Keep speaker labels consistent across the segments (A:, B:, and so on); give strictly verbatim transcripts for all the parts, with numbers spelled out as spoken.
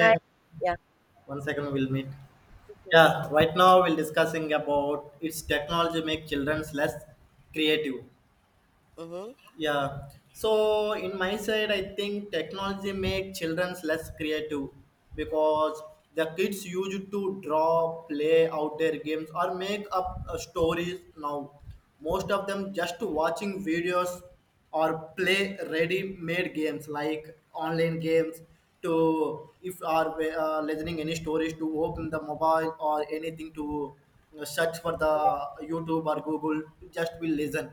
A: Hi. Yeah.
B: one second we'll meet.
A: Mhm.
B: Yeah, right now we're discussing about its technology make childrens less creative.
A: Mhm.
B: Yeah. So in my side I think technology make childrens less creative because the kids used to draw, play out their games or make up uh, stories now. Most of them just watching videos or play ready-made games like online games to if are uh, listening any stories to open the mobile or anything to uh, search for the youtube or google just will listen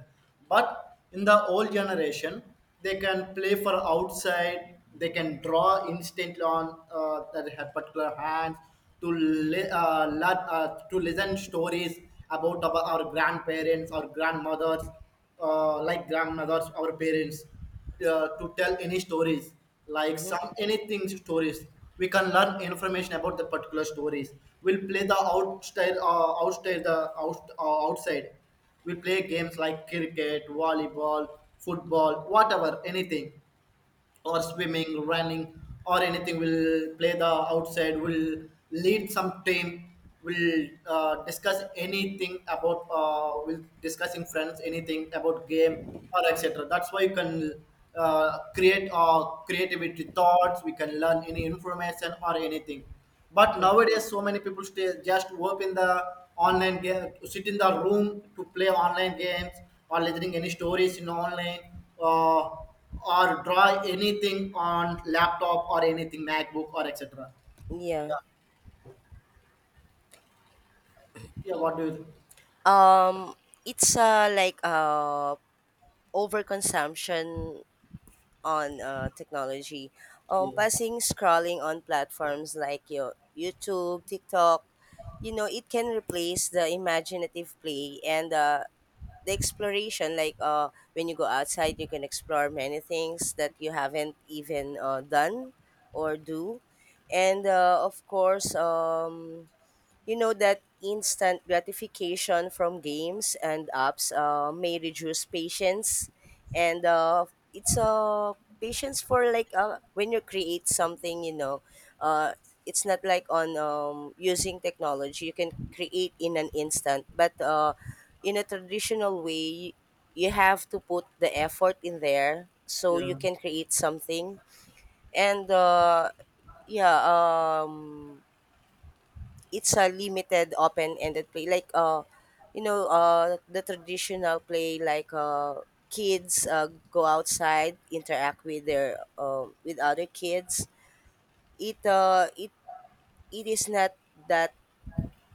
B: but in the old generation they can play for outside they can draw instantly on uh, that ha- particular hand to li- uh, learn, uh, to listen stories about our, our grandparents or grandmothers, uh, like grandmothers, our parents, uh, to tell any stories, like some
A: Mhm.
B: anything stories. We can learn information about the particular stories. We'll play the outside, uh, outside the out, uh, outside. We play games like cricket, volleyball, football, whatever, anything, or swimming, running, or anything. We'll play the outside. We'll lead some team. We'll uh, discuss anything about. Uh, we'll discussing friends anything about game or et cetera. That's why you can uh, create uh, creativity thoughts. We can learn any information or anything. But
A: Mm.
B: nowadays, so many people stay just open the online game, sit in the room to play online games or listening any stories in online, uh, or draw anything on laptop or anything MacBook or et cetera.
A: Yeah.
B: Yeah, yeah. What do you think?
A: Um, it's uh like uh overconsumption on uh technology. Um, passing scrolling on platforms like your YouTube, TikTok, you know, it can replace the imaginative play and uh the exploration like uh when you go outside you can explore many things that you haven't even uh, done or do, and uh, of course, um you know that instant gratification from games and apps uh, may reduce patience, and uh, it's uh, patience for like uh, when you create something. You know, uh, it's not like on um, using technology. You can create in an instant, but uh, in a traditional way, you have to put the effort in there so
B: Yeah,
A: you
B: yeah.
A: can create something, and uh yeah, um it's a limited open-ended play like uh you know, uh the traditional play like uh kids uh, go outside, interact with their um with other kids. It uh it it is not that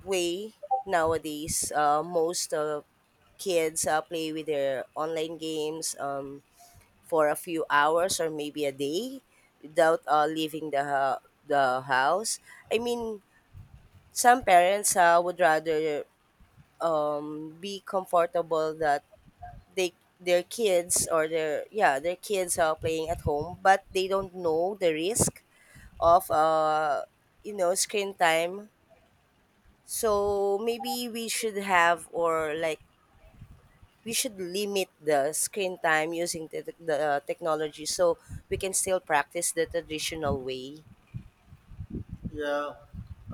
A: way nowadays. Uh most uh, kids uh, play with their online games, um for a few hours or maybe a day without uh, leaving the hou- the house. I mean, some parents uh, would rather um, be comfortable that they their kids, or their, yeah, their kids are playing at home, but they don't know the risk of uh, you know, screen time. So maybe we should have, or like, we should limit the screen time using the, the uh, technology, so we can still practice the traditional way.
B: Yeah,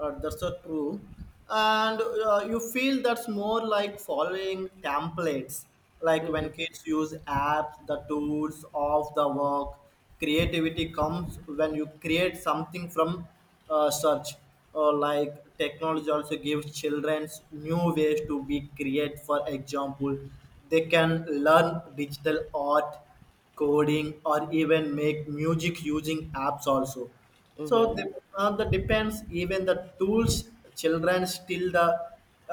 B: uh, that's so true. And uh, you feel that's more like following templates, like when
A: Mm-hmm.
B: kids use apps, the tools of the work. Creativity comes when you create something from uh, search, or like technology also gives children new ways to be create. For example, they can learn digital art, coding, or even make music using apps also. So
A: Mm-hmm.
B: the, uh, the depends even the tools children still the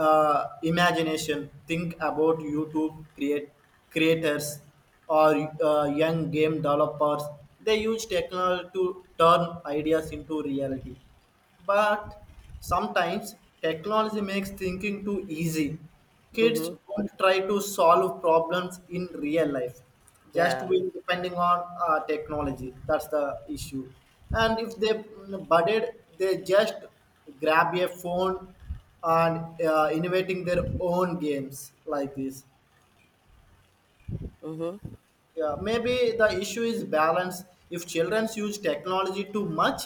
B: uh, imagination think about youtube create creators, or uh, young game developers. They use technology to turn ideas into reality, but sometimes technology makes thinking too easy. Kids
A: Mm-hmm.
B: don't try to solve problems in real life, just
A: Yeah.
B: with depending on uh, technology. That's the issue. And if they mm, budded, they just grab a phone and uh, innovating their own games like this.
A: Mm-hmm.
B: Yeah, maybe the issue is balance. If children use technology too much,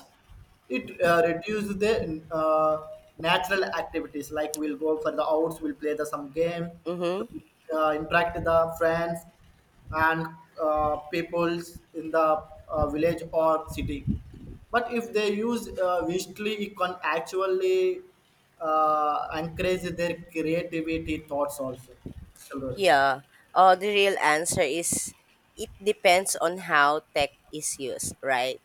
B: it uh, reduces their uh, natural activities. Like we'll go for the outs, we'll play the some game to
A: Mm-hmm.
B: uh, interact with the friends, and uh, peoples in the uh, village or city. But if they use uh, visually, it can actually uh, encourage their creativity thoughts also. Children.
A: Yeah, uh, the real answer is it depends on how tech is used, right?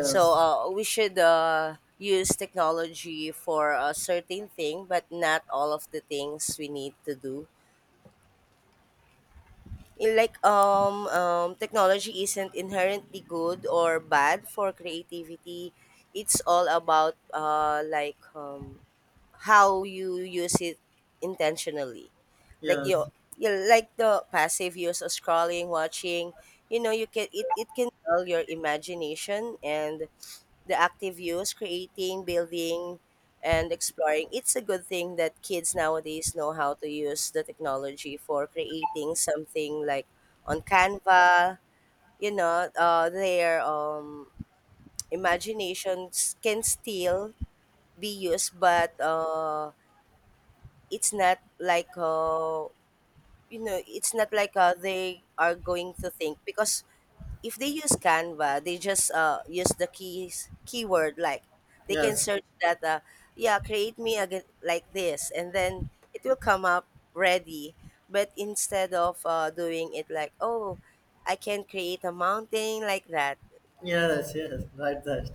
A: So uh, we should uh, use technology for a certain thing, but not all of the things we need to do. In like um, um, Technology isn't inherently good or bad for creativity. It's all about uh, like um, how you use it intentionally, like you
B: Yes.
A: you like the passive use of scrolling, watching, you know, you can it, it can dull your imagination, and the active use, creating, building, and exploring. It's a good thing that kids nowadays know how to use the technology for creating something like on Canva. You know, uh, their um imaginations can still be used, but uh it's not like, uh, you know, it's not like uh, they are going to think, because if they use Canva, they just uh, use the keys keyword like, they can
B: Yes,
A: search that, uh, yeah, create me again like this, and then it will come up ready. But instead of uh, doing it like, oh, I can create a mountain like that.
B: yes, yes, right. That,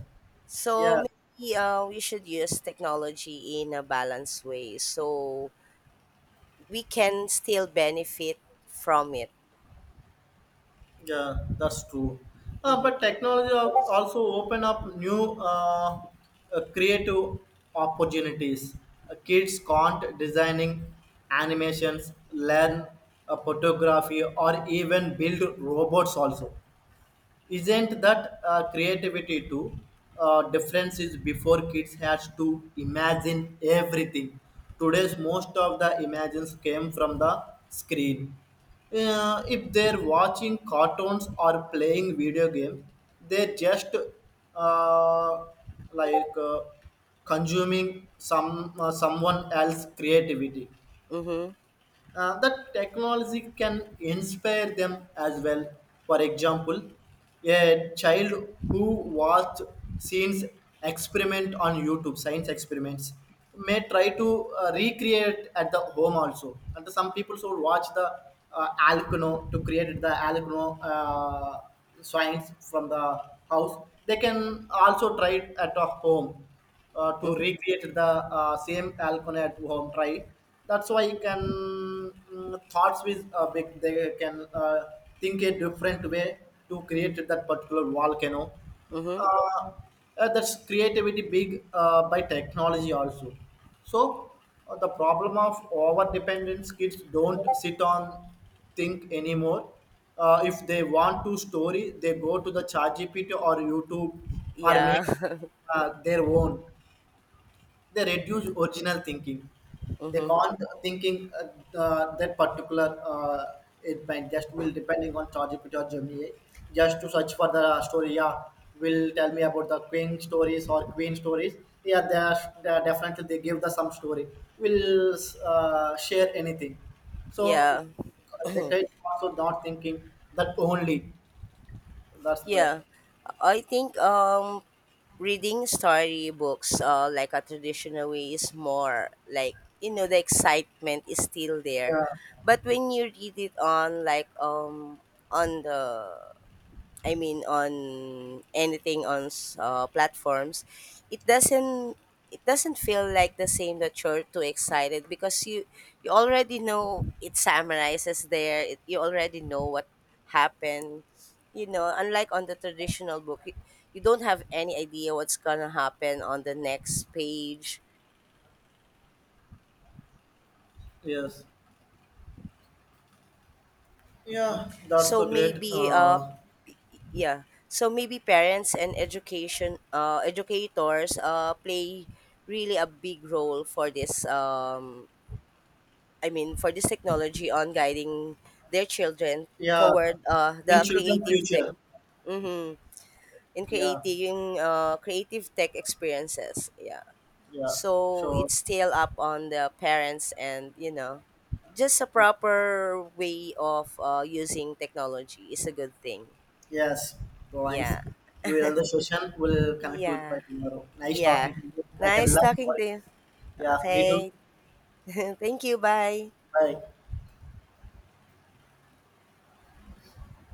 A: So
B: yeah,
A: maybe uh, we should use technology in a balanced way. So we can still benefit from it.
B: yeah, that's true. Uh,
A: Mhm.
B: but technology al- also open up new uh, uh, creative opportunities. Uh, kids can't designing animations, learn uh, photography, or even build robots also. Isn't that uh, creativity too? Uh, difference is before kids has to imagine everything. Today's most of the imagines came from the screen. Uh, if they're watching cartoons or playing video games they just uh, like uh, consuming some uh, someone else creativity.
A: Mhm.
B: Uh, that technology can inspire them as well. For example, a child who watched scenes experiment on YouTube, science experiments, may try to uh, recreate at the home also. And some people should watch the uh, Alcano to create the Alcano uh, science from the house. They can also try it at a home uh, to
A: Mhm.
B: recreate the uh, same alcohol at home try. That's why you can mm, thoughts with uh, big they can uh, think a different way to create that particular volcano.
A: Mhm.
B: uh, uh, that's creativity big uh, by technology also. So uh, the problem of over dependence, kids don't sit on think anymore. Uh, if they want to story they go to the chat gpt or youtube, or
A: Yeah.
B: make uh, their own. They reduce original thinking. They
A: Mhm.
B: can't thinking uh, uh, that particular, uh, it might just will depending on ChatGPT or Gemini. Just to search for the story, yeah, will tell me about the king stories or queen stories. Yeah, they are, they are definitely they give the some story. Will uh, share anything. So
A: Yeah.
B: the kids also not thinking that only. That's why.
A: Yeah. I think um reading storybooks uh like a traditional way is more like, you know, the excitement is still there.
B: Yeah.
A: But when you read it on like um on the, I mean, on anything on s- uh, platforms, it doesn't it doesn't feel like the same, that you're too excited, because you you already know, it summarizes there. It, you already know what happened. You know, unlike on the traditional book, you, you don't have any idea what's gonna happen on the next page.
B: Yes. Yeah, that's
A: So
B: the great.
A: maybe uh
B: Uh,
A: Yeah, so maybe parents and education uh, educators uh, play really a big role for this, um, I mean for this technology, on guiding their children
B: yeah,
A: toward uh,
B: in
A: the
B: children
A: creative tech.
B: future.
A: Mm-hmm, in
B: Yeah,
A: creating uh, creative tech experiences. Yeah,
B: yeah.
A: so
B: So
A: it's still up on the parents, and you know, just a proper way of uh, using technology is a good thing.
B: yes guys,
A: Yeah.
B: we will end the session, we'll connect with by
A: Yeah.
B: tomorrow. Nice talking
A: Yeah.
B: to you, I can
A: Nice
B: love you
A: talking to
B: all.
A: you.
B: Yeah, me too.
A: Okay. Thank you. Bye.
B: Bye.